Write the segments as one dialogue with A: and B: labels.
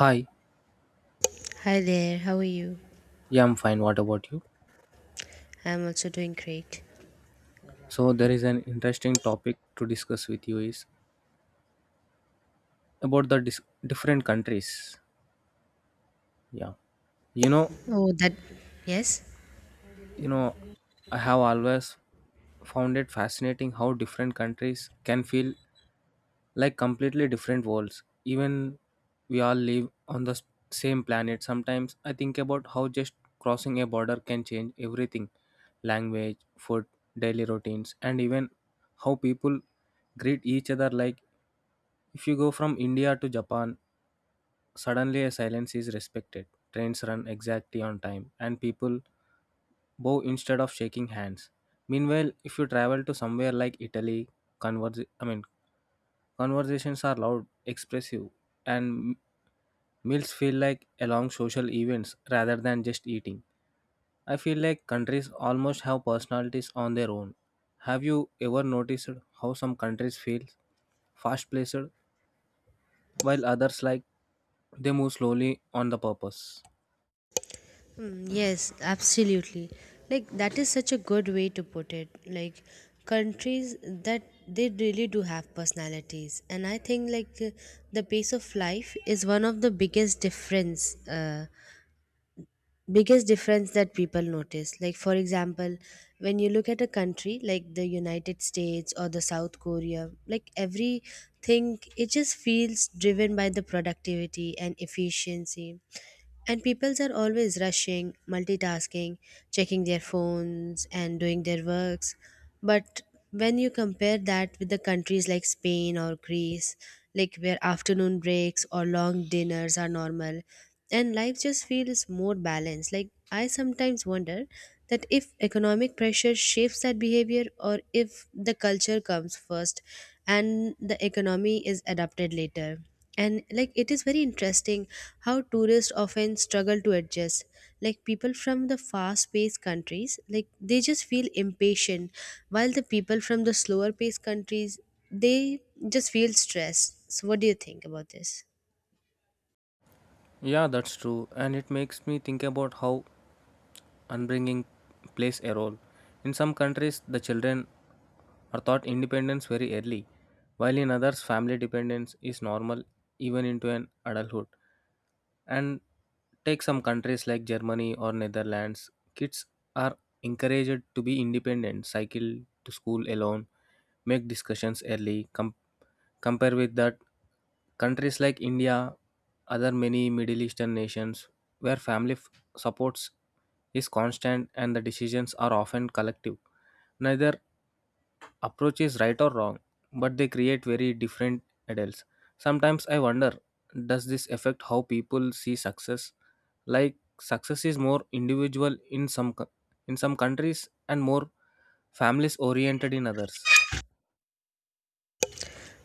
A: Hi,
B: Hi there, how are you?
A: yeah, I'm fine. What about you?
B: I'm also doing great.
A: So there is an interesting topic to discuss with you is about the different countries. Yeah, you know,
B: Oh, that, yes?
A: you know, I have always found it fascinating how different countries can feel like completely different worlds. Even we all live on the same planet. Sometimes I think about how just crossing a border can change everything: language, food, daily routines, and even how people greet each other like if you go from India to Japan, suddenly a silence is respected. Trains run exactly on time, and people bow instead of shaking hands. Meanwhile, if you travel to somewhere like Italy, converse, I mean, conversations are loud, expressive, and meals feel like a long social events rather than just eating. I feel like countries almost have personalities on their own. Have you ever noticed how some countries feel fast-paced while others like they move slowly on the purpose.
B: Yes, absolutely. That is such a good way to put it. Countries that they really do have personalities. And I think, the pace of life is one of the biggest difference. Biggest difference that people notice, like for example when you look at a country like the United States or the South Korea, like everything, it just feels driven by the productivity and efficiency, and peoples are always rushing, multitasking, checking their phones and doing their works. But when you compare that with the countries like Spain or Greece, like where afternoon breaks or long dinners are normal, and life just feels more balanced. Like I sometimes wonder that if economic pressure shapes that behavior or if the culture comes first and the economy is adapted later. And like it is very interesting how tourists often struggle to adjust, like people from the fast paced countries, like they just feel impatient, while the people from the slower paced countries, they just feel stressed. So what do you think about this?
A: Yeah, that's true, and it makes me think about how upbringing plays a role. In some countries, the children are taught independence very early, while in others, family dependence is normal even into an adulthood. And take some countries like Germany or Netherlands, kids are encouraged to be independent, cycle to school alone, make discussions early, compare with that countries like India, other many Middle Eastern nations where supports is constant and the decisions are often collective. Neither approach is right or wrong, but they create very different adults. Sometimes I wonder, does this affect how people see success? Like success is more individual in in some countries and more families oriented in others.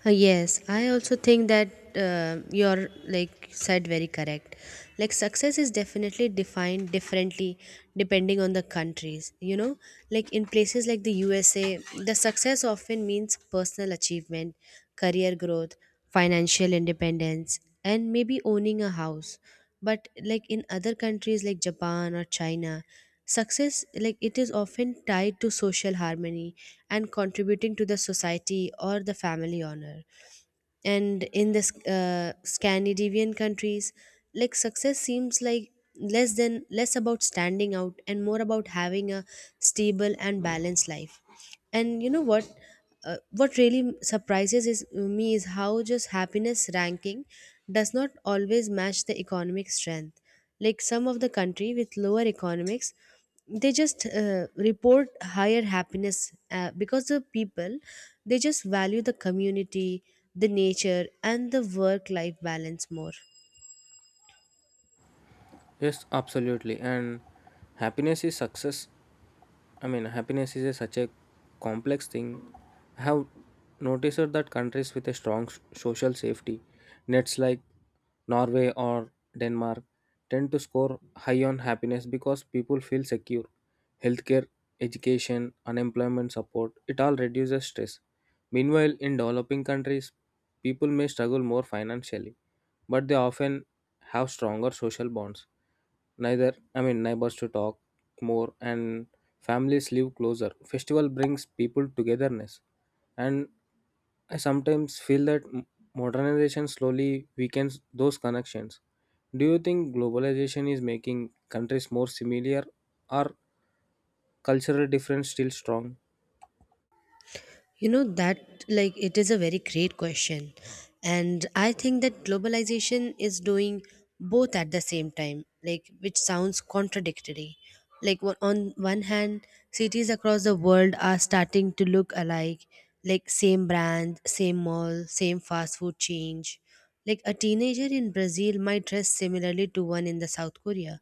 B: Yes, I also think that you're like said very correct. Like success is definitely defined differently depending on the countries. You know, like in places like the USA, the success often means personal achievement, career growth, financial independence and maybe owning a house. But like in other countries like Japan or China, success, like it is often tied to social harmony and contributing to the society or the family honor. And in the Scandinavian countries, like success seems like less than less about standing out and more about having a stable and balanced life. And you know what, what really surprises me is how just happiness ranking does not always match the economic strength. Like some of the country with lower economics, they just report higher happiness, because the people, they just value the community, the nature and the work life balance more.
A: Yes, absolutely. And happiness is success. I mean, happiness is a, such a complex thing. I have noticed that countries with a social safety nets like Norway or Denmark tend to score high on happiness because people feel secure. Healthcare, education, unemployment support, it all reduces stress. Meanwhile, in developing countries, people may struggle more financially, but they often have stronger social bonds, neither I mean neighbors to talk more, and families live closer, festival brings people togetherness. And I sometimes feel that modernization slowly weakens those connections. Do you think globalization is making countries more similar or cultural difference still strong?
B: You know that like it is a very great question. And I think that globalization is doing both at the same time, like which sounds contradictory. Like on one hand, cities across the world are starting to look alike, like same brand, same mall, same fast food change. Like a teenager in Brazil might dress similarly to one in the South Korea.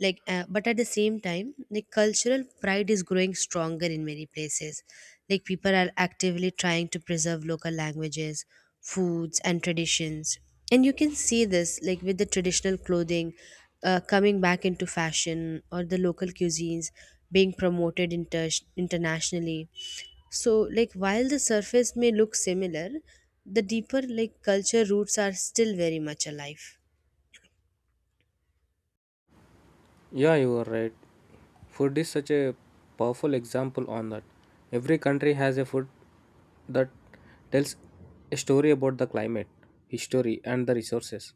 B: Like, but at the same time, like cultural pride is growing stronger in many places. Like people are actively trying to preserve local languages, foods, and traditions. And you can see this like with the traditional clothing coming back into fashion or the local cuisines being promoted internationally. So, like, while the surface may look similar, the deeper like culture roots are still very much alive.
A: Yeah, you are right. Food is such a powerful example on that. Every country has a food that tells a story about the climate, history, and the resources,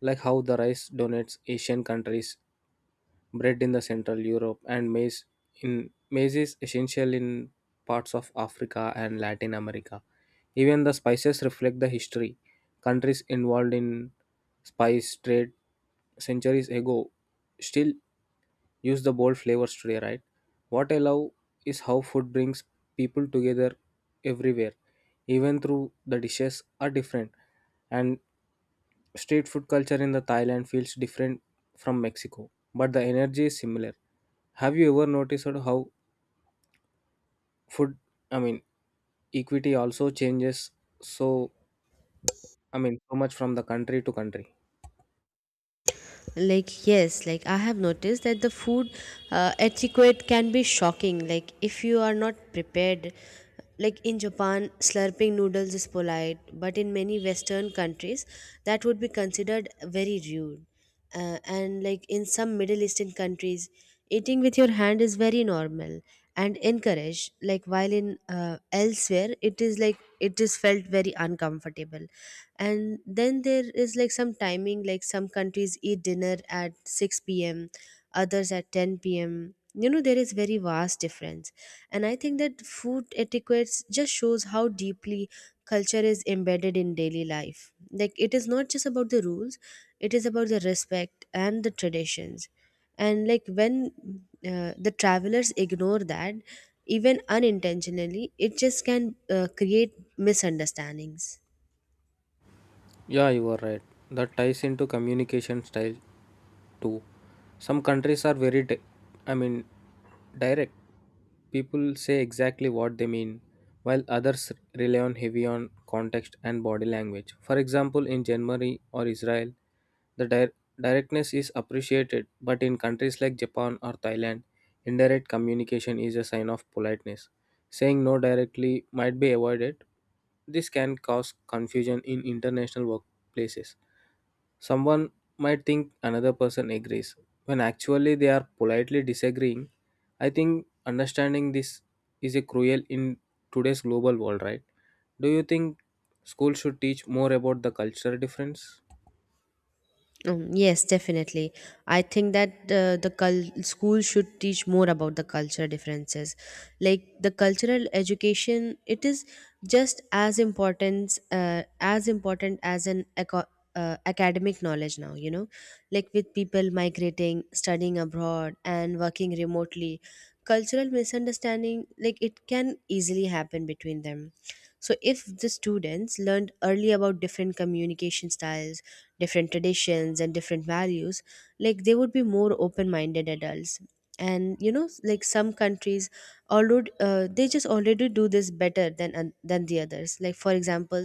A: like how the rice donates Asian countries, bread in the Central Europe, and maize is essential in parts of Africa and Latin America. Even the spices reflect the history. Countries involved in spice trade centuries ago still use the bold flavors today, right? What I love is how food brings people together everywhere, even through the dishes are different. And Street food culture in the Thailand feels different from Mexico, but the energy is similar. Have you ever noticed how food, I mean, equity also changes so, so much from the country to country?
B: Like, yes, like I have noticed that the food etiquette can be shocking. Like, if you are not prepared, like in Japan, slurping noodles is polite, but in many Western countries, that would be considered very rude. And like in some Middle Eastern countries, eating with your hand is very normal and encouraged, like while in elsewhere, it is like it is felt very uncomfortable. And then there is like some timing, like some countries eat dinner at 6 p.m., others at 10 p.m. You know, there is very vast difference. And I think that food etiquettes just shows how deeply culture is embedded in daily life. Like it is not just about the rules, it is about the respect and the traditions. And like when the travelers ignore that, even unintentionally, it just can create misunderstandings.
A: Yeah, you are right. That ties into communication style too. Some countries are very, di- I mean, direct. People say exactly what they mean, while others rely on heavy on context and body language. For example, in Germany or Israel, the directness is appreciated, but in countries like Japan or Thailand, indirect communication is a sign of politeness. Saying no directly might be avoided, this can cause confusion in international workplaces. Someone might think another person agrees when actually they are politely disagreeing. I think understanding this is a cruel in today's global world, right? Do you think school should teach more about the cultural difference?
B: Yes, definitely. I think that school should teach more about the culture differences. Like the cultural education, it is just as important as important as an academic knowledge now. You know, like with people migrating, studying abroad, and working remotely, cultural misunderstanding, like it can easily happen between them. So, if the students learned early about different communication styles, different traditions, and different values, like they would be more open minded adults. And you know, like some countries, already they just already do this better than than the others. Like for example,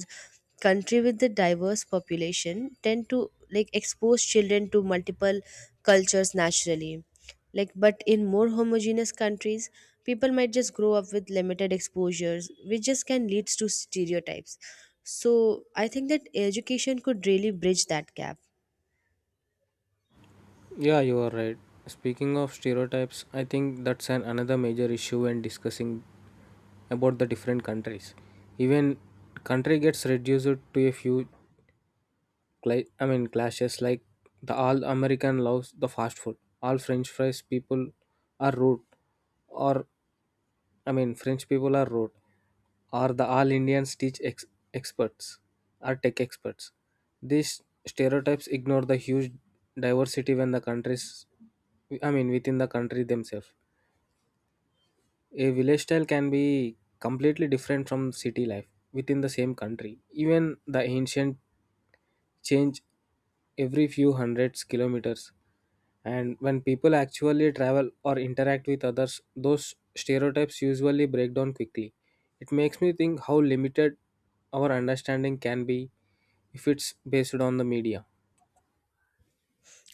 B: country with the diverse population tend to like expose children to multiple cultures naturally. Like but in more homogeneous countries, people might just grow up with limited exposures, which just can lead to stereotypes. So I think that education could really bridge that gap.
A: Yeah, you are right. Speaking of stereotypes, I think that's an another major issue when discussing about the different countries. Even country gets reduced to a few clashes like the all American loves the fast food. All French fries people are rude, or I mean French people are rude, or the all experts are tech experts. These stereotypes ignore the huge diversity when the countries, I mean within the country themselves. A village style can be completely different from city life within the same country. Even the ancient change every few hundreds kilometers, and when people actually travel or interact with others, those stereotypes usually break down quickly. It makes me think how limited our understanding can be if it's based on the media.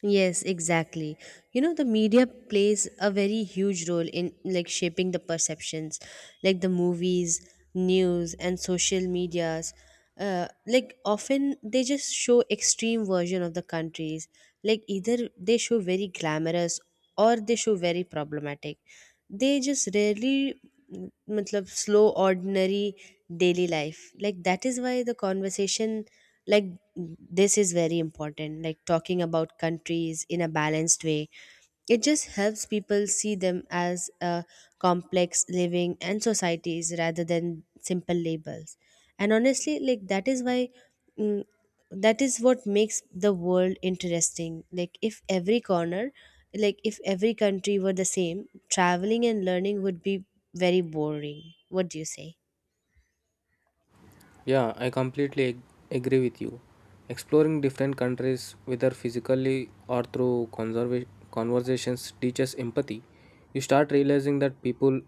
B: Yes, exactly. You know, the media plays a very huge role in like shaping the perceptions. Like the movies, news and social medias, like often they just show extreme version of the countries. Like either they show very glamorous, or they show very problematic. They just rarely, mm, matlab, slow ordinary daily life. Like that is why the conversation, like this is very important. Like talking about countries in a balanced way, it just helps people see them as a complex living and societies rather than simple labels. And honestly, like that is why, mm, that is what makes the world interesting. Like if every corner, like if every country were the same, traveling and learning would be very boring. What do you say?
A: Yeah, I completely agree with you. Exploring different countries, whether physically or through conversations, teaches empathy. You start realizing that people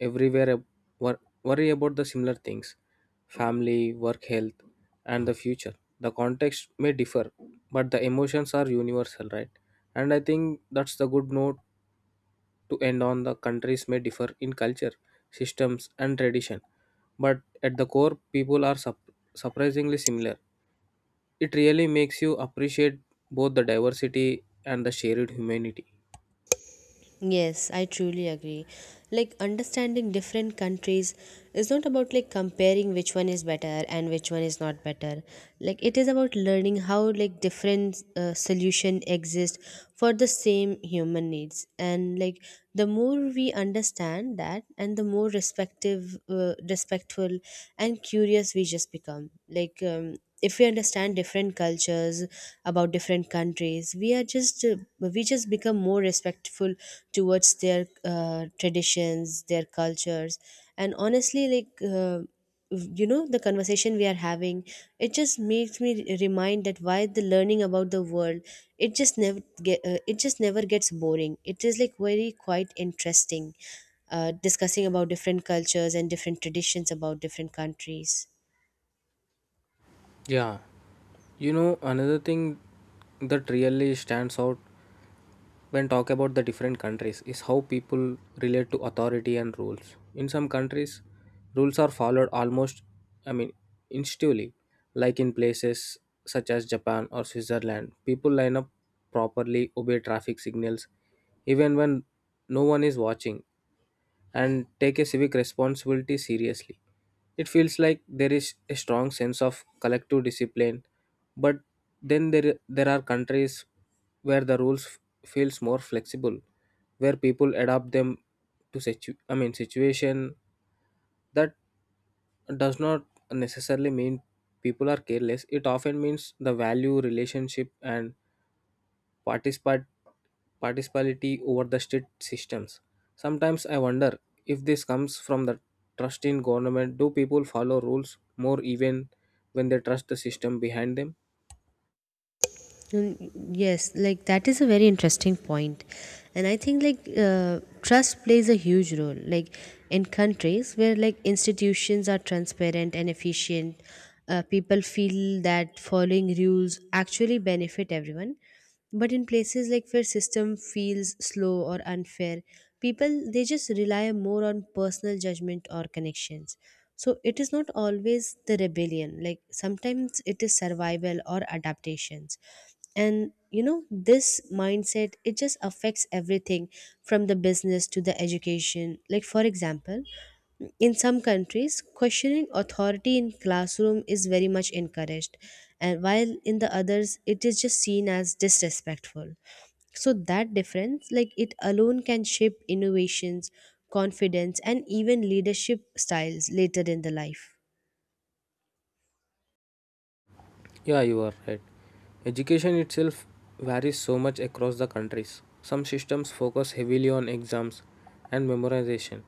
A: everywhere worry about the similar things: family, work, health, and the future. The context may differ, but the emotions are universal, right? And I think that's the good note to end on. The countries may differ in culture, systems and tradition, but at the core people are surprisingly similar. It really makes you appreciate both the diversity and the shared humanity.
B: Yes, I truly agree. Like understanding different countries is not about like comparing which one is better and which one is not better. Like it is about learning how like different solution exist for the same human needs. And like the more we understand that, and the more respective respectful and curious we just become. Like if we understand different cultures about different countries, we are just we just become more respectful towards their traditions, their cultures. And honestly, you know, the conversation we are having, it just makes me remind that why the learning about the world, it just never get it just never gets boring. It is like very quite interesting discussing about different cultures and different traditions about different countries.
A: Yeah, you know, another thing that really stands out when talk about the different countries is how people relate to authority and rules. In some countries, rules are followed I mean, instinctively, like in places such as Japan or Switzerland. People line up properly, obey traffic signals, even when no one is watching, and take a civic responsibility seriously. It feels like there is a strong sense of collective discipline, but then there are countries where the feels more flexible, where people adapt them to situation that does not necessarily mean people are careless. It often means the value, relationship, and participate participality over the state systems. Sometimes I wonder if this comes from the trust in government. Do people follow rules more even when they trust the system behind them?
B: Mm, Yes, like that is a very interesting point. And I think trust plays a huge role. Like in countries where like institutions are transparent and efficient, people feel that following rules actually benefit everyone. But in places like where system feels slow or unfair, people, they just rely more on personal judgment or connections. So it is not always the rebellion. Like sometimes it is survival or adaptations. And you know, this mindset, it just affects everything from the business to the education. Like for example, in some countries, questioning authority in classroom is very much encouraged, and while in the others, it is just seen as disrespectful. So that difference, like it alone can shape innovations, confidence, and even leadership styles later in the life.
A: Yeah, you are right. Education itself varies so much across the countries. Some systems focus heavily on exams and memorization,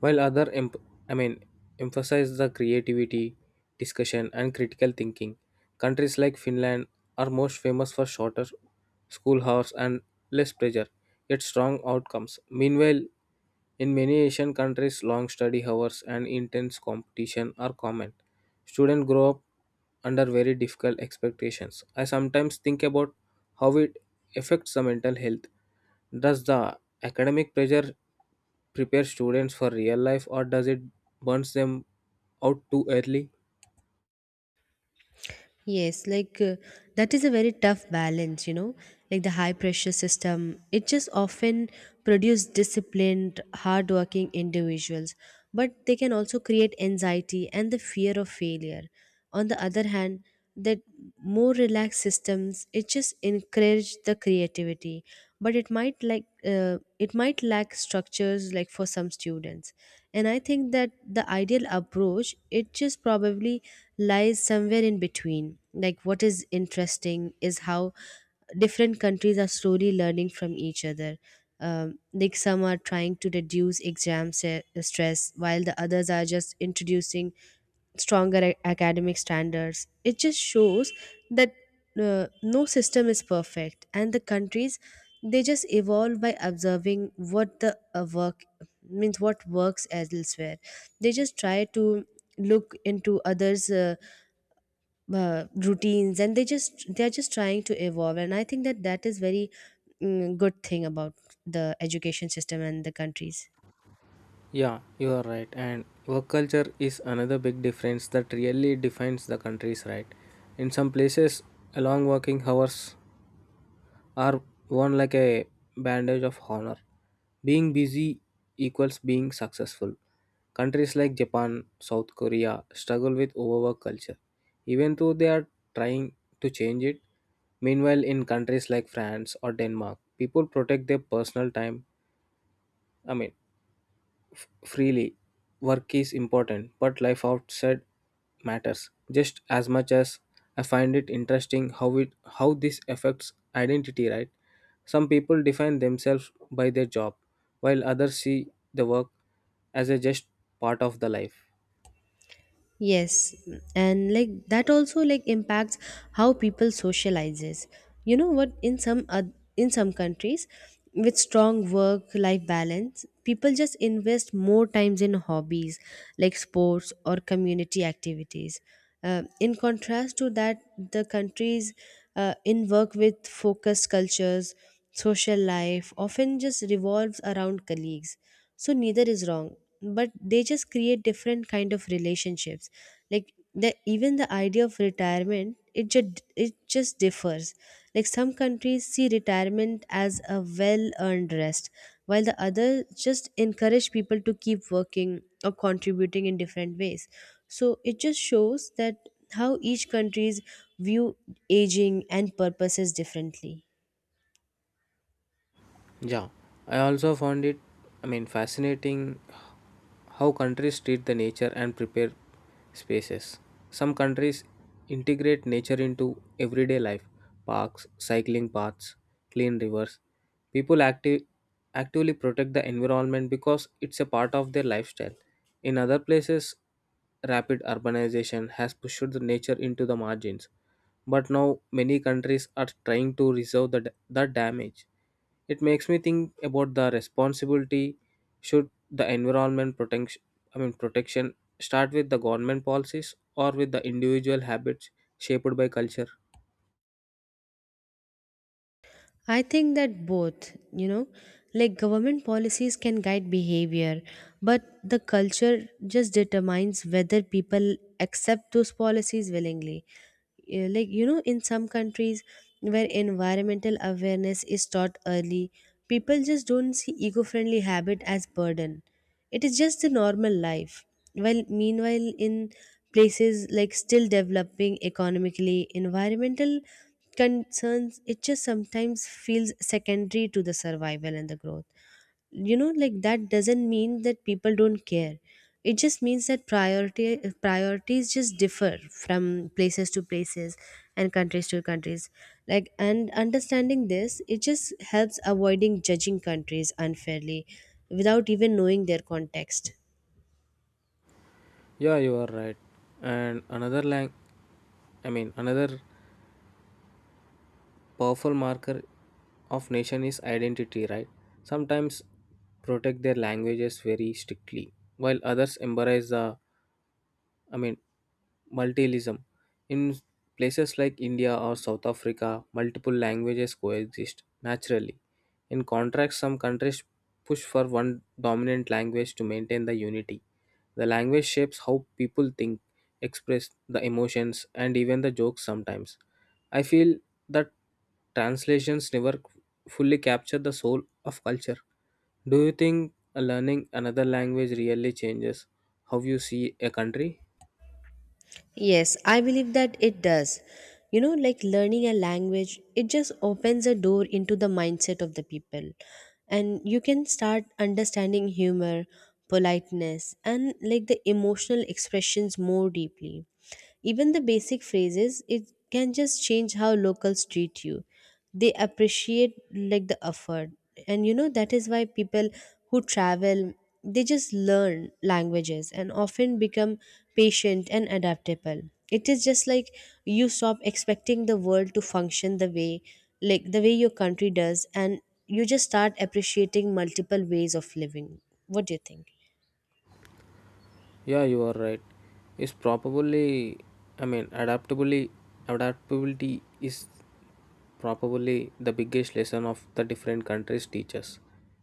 A: while other em- I mean emphasize the creativity, discussion and critical thinking. Countries like Finland are most famous for shorter school hours and less pressure, yet strong outcomes. Meanwhile, in many Asian countries, long study hours and intense competition are common. Students grow up under very difficult expectations. I sometimes think about how it affects the mental health. Does the academic pressure prepare students for real life or does it burns them out too early?
B: Yes, that is a very tough balance, you know. Like the high pressure system, it just often produce disciplined, hardworking individuals, but they can also create anxiety and the fear of failure. On the other hand, that more relaxed systems, it just encourage the creativity, but it might it might lack structures like for some students. And I think that the ideal approach, it just probably lies somewhere in between. Like, what is interesting is how different countries are slowly learning from each other. Like, some are trying to reduce stress, while the others are just introducing stronger academic standards. It just shows that uh, no system is perfect and the countries, they just evolve by observing what the work means what works elsewhere. They just try to look into others routines, and they are just trying to evolve. And I think that that is very, good thing about the education system and the countries.
A: Yeah, you are right. And work culture is another big difference that really defines the countries, right? In some places, long working hours are worn like a bandage of honor. Being busy equals being successful. Countries like Japan, South Korea struggle with overwork culture, even though they are trying to change it. Meanwhile, in countries like France or Denmark, people protect their personal time. I mean, freely. Work is important, but life outside matters just as much as I find it interesting how it how this affects identity, right? Some people define themselves by their job, while others see the work as a just part of the life.
B: Yes, and like that also like impacts how people socializes. You know what? In some in some countries, with strong work-life balance, people just invest more times in hobbies like sports or community activities. In contrast to that, the countries in work with focused cultures, social life often just revolves around colleagues. So neither is wrong, but they just create different kind of relationships. Like the even the idea of retirement, it just differs. Like some countries see retirement as a well earned rest, while the other just encourage people to keep working or contributing in different ways. So it just shows that how each countries view aging and purposes differently.
A: Yeah, I also found fascinating how countries treat the nature and prepare spaces. Some countries integrate nature into everyday life: parks, cycling paths, clean rivers. People active, actively protect the environment because it's a part of their lifestyle. In other places, rapid urbanization has pushed the nature into the margins, but now many countries are trying to reserve the damage. It makes me think about the responsibility: should the environment protection I mean protection start with the government policies or with the individual habits shaped by culture.
B: I think that both, you know, like government policies can guide behavior, but the culture just determines whether people accept those policies willingly. Yeah, like, you know, in some countries where environmental awareness is taught early, people just don't see eco friendly habit as burden. It is just the normal life. While meanwhile in places like still developing economically, environmental concerns, it just sometimes feels secondary to the survival and the growth. You know, like that doesn't mean that people don't care. It just means that priority priorities just differ from places to places and countries to countries. Like, and understanding this, it just helps avoiding judging countries unfairly without even knowing their context.
A: Yeah, you are right. And another lang I mean another powerful marker of nation is identity, right? Sometimes protect their languages very strictly, while others embrace the I mean multilingualism. In places like India or South Africa, multiple languages coexist naturally. In contrast, some countries push for one dominant language to maintain the unity. The language shapes how people think, express the emotions, and even the jokes sometimes. I feel that translations never fully capture the soul of culture. Do you think learning another language really changes how you see a country?
B: Yes, I believe that it does. You know, like learning a language, it just opens a door into the mindset of the people. And you can start understanding humor, politeness, and like the emotional expressions more deeply. Even the basic phrases, it can just change how locals treat you. They appreciate like the effort. And you know, that is why people who travel, they just learn languages and often become patient and adaptable. It is just like you stop expecting the world to function the way like the way your country does, and you just start appreciating multiple ways of living. What do you think?
A: Yeah, you are right. It's probably, I mean, adaptability, adaptability is probably the biggest lesson of the different countries teach us.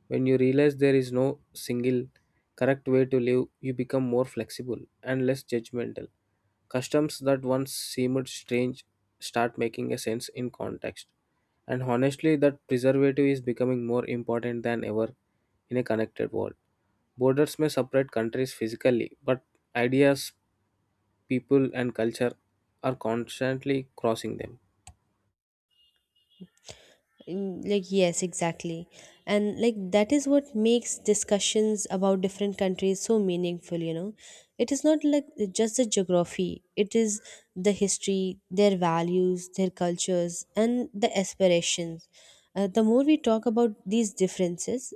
A: When you realize there is no single correct way to live, you become more flexible and less judgmental. Customs that once seemed strange start making a sense in context. And honestly, that preservative is becoming more important than ever in a connected world. Borders may separate countries physically, but ideas, people, and culture are constantly crossing them.
B: Mm, like yes, exactly. And like that is what makes discussions about different countries so meaningful. You know, it is not like just the geography, it is the history, their values, their cultures, and the aspirations. The more we talk about these differences,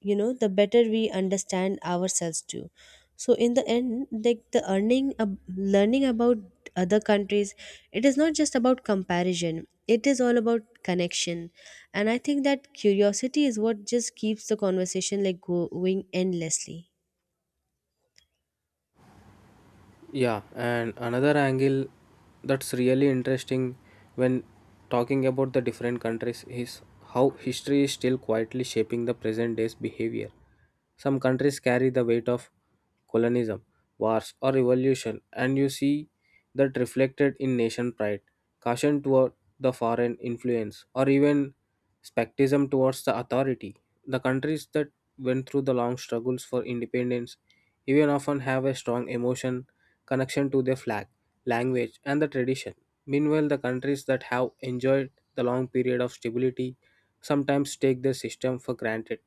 B: you know, the better we understand ourselves too. So in the end, like the learning about other countries, it is not just about comparison, it is all about connection. And I think that curiosity is what just keeps the conversation like going endlessly.
A: Yeah, and another angle that's really interesting when talking about the different countries is how history is still quietly shaping the present day's behavior. Some countries carry the weight of colonialism, wars, or revolution, and you see that reflected in nation pride, caution toward the foreign influence, or even skepticism towards the authority. The countries that went through the long struggles for independence even often have a strong emotion connection to their flag, language, and the tradition. Meanwhile, the countries that have enjoyed the long period of stability sometimes take their system for granted.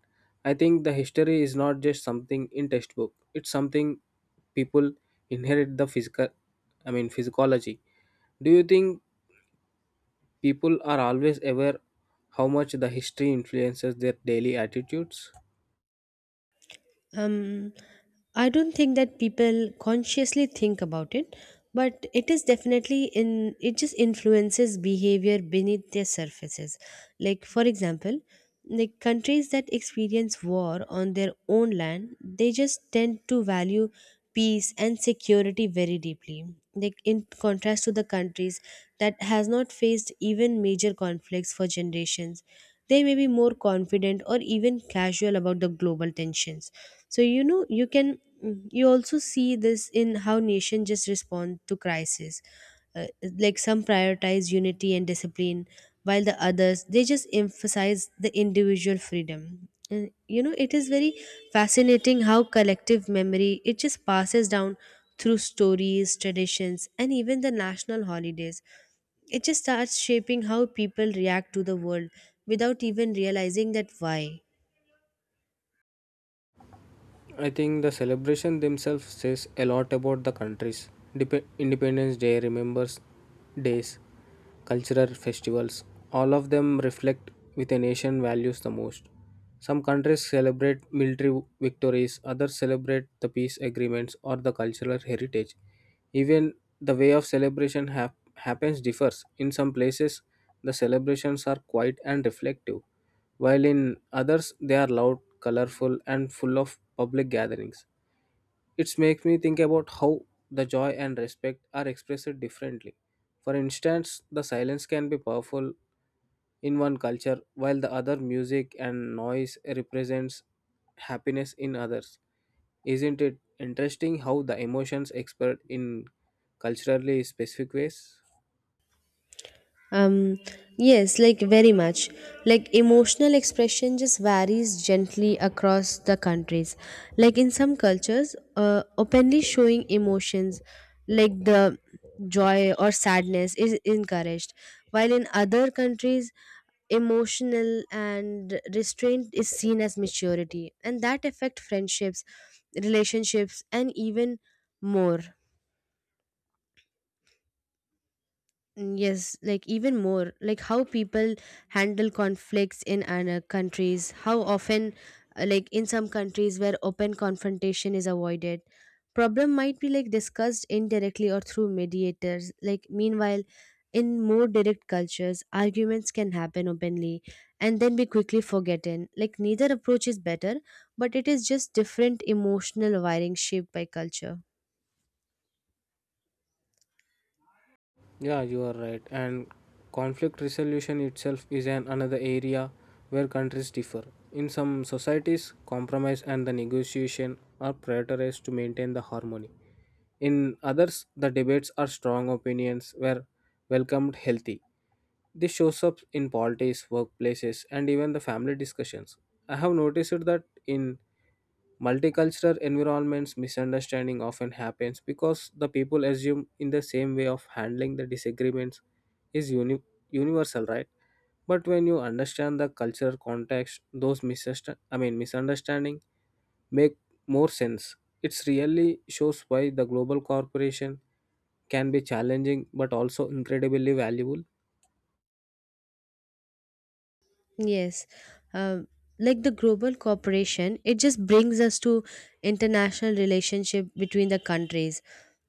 A: I think the history is not just something in textbook, it's something people inherit the physical I mean physiology. Do you think people are always aware how much the history influences their daily attitudes?
B: Um, I don't think that people consciously think about it, but it is definitely in, it just influences behavior beneath their surfaces. Like for example, like countries that experience war on their own land, they just tend to value peace and security very deeply. Like in contrast to the countries that has not faced even major conflicts for generations, they may be more confident or even casual about the global tensions. So you know, you can, mm, you also see this in how nations just respond to crisis. uh, like some prioritize unity and discipline while the others they just emphasize the individual freedom. Uh, you know, it is very fascinating how collective memory, it just passes down through stories, traditions, and even the national holidays. It just starts shaping how people react to the world without even realizing that why.
A: I think the celebration themselves says a lot about the countries. Independence Day, remembers days, cultural festivals, all of them reflect with a nation values the most. Some countries celebrate military victories, others celebrate the peace agreements or the cultural heritage. Even the way of happens differs. In some places, the celebrations are quiet and reflective while in others they are loud, colorful, and full of public gatherings. It makes me think about how the joy and respect are expressed differently. For instance, the silence can be powerful in one culture, while the other music and noise represents happiness in others. Isn't it interesting how the emotions expressed in culturally specific ways?
B: Um, yes, like very much. Like emotional expression just varies gently across the countries. Like in some cultures, openly showing emotions like the joy or sadness is encouraged, while in other countries, emotional and restraint is seen as maturity, and that affect friendships, relationships, and even more. Mm, yes, like even more, like how people handle conflicts in other countries, how often, like in some countries where open confrontation is avoided, problem might be like discussed indirectly or through mediators. Like, meanwhile, in more direct cultures, arguments can happen openly and then be quickly forgotten. Like, neither approach is better, but it is just different emotional wiring shaped by culture.
A: Yeah, you are right. And conflict resolution itself is an another area where countries differ. In some societies, compromise and the negotiation are prioritized to maintain the harmony. In others, the debates are strong opinions were welcomed healthy. This shows up in politics, workplaces, and even the family discussions. I have noticed that in multicultural environments misunderstanding often happens because the people assume in the same way of handling the disagreements is universal, right? But when you understand the cultural context those misunderstanding make more sense. It's really shows why the global corporation can be challenging but also incredibly valuable.
B: Yes. Um, like the global cooperation, it just brings us to international relationship between the countries.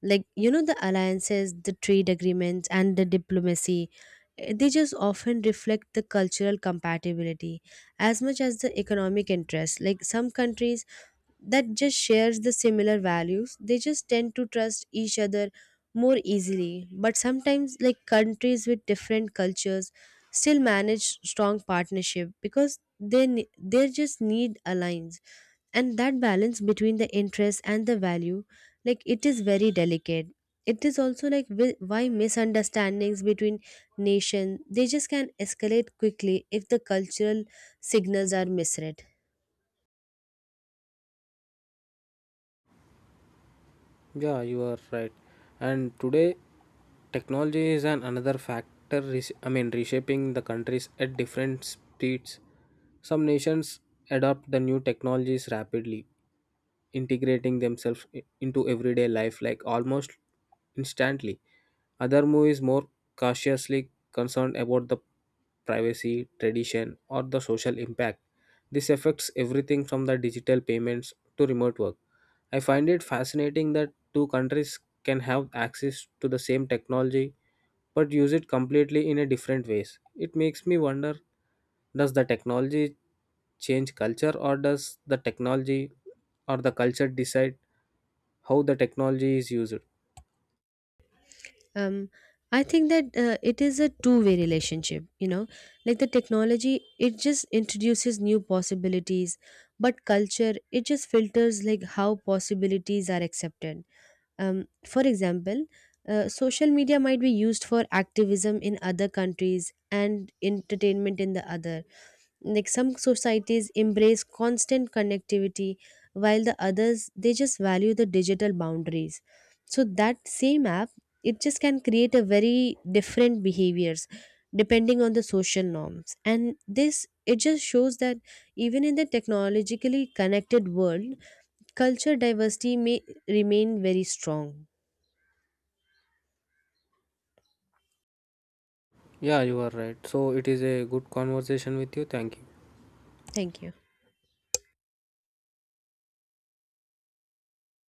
B: Like, you know, the alliances, the trade agreements, and the diplomacy, they just often reflect the cultural compatibility as much as the economic interest. Like, some countries that just shares the similar values, they just tend to trust each other more easily. But sometimes like countries with different cultures still manage strong partnership because they just need alliance. And that balance between the interest and the value, like it is very delicate. It is also like why misunderstandings between nation, they just can escalate quickly if the cultural signals are misread.
A: Yeah, you are right. And today, technology is an another factor, reshaping the countries at different speeds. Some nations adopt the new technologies rapidly, integrating themselves into everyday life like almost instantly. Other move is more cautiously concerned about the privacy, tradition, or the social impact. This affects everything from the digital payments to remote work. I find it fascinating that two countries can have access to the same technology but use it completely in a different ways. It makes me wonder does the technology change culture or does the technology or the culture decide how the technology is used?
B: Um, I think that it is a two-way relationship, you know, like the technology, it just introduces new possibilities, but culture, it just filters like how possibilities are accepted. Um, for example, social media might be used for activism in other countries and entertainment in the other. Like some societies embrace constant connectivity while the others they just value the digital boundaries. So that same app, it just can create a very different behaviors depending on the social norms. And this, it just shows that even in the technologically connected world, culture diversity may remain very strong.
A: Yeah, you are right. So it is a good conversation with you. Thank you.
B: Thank you.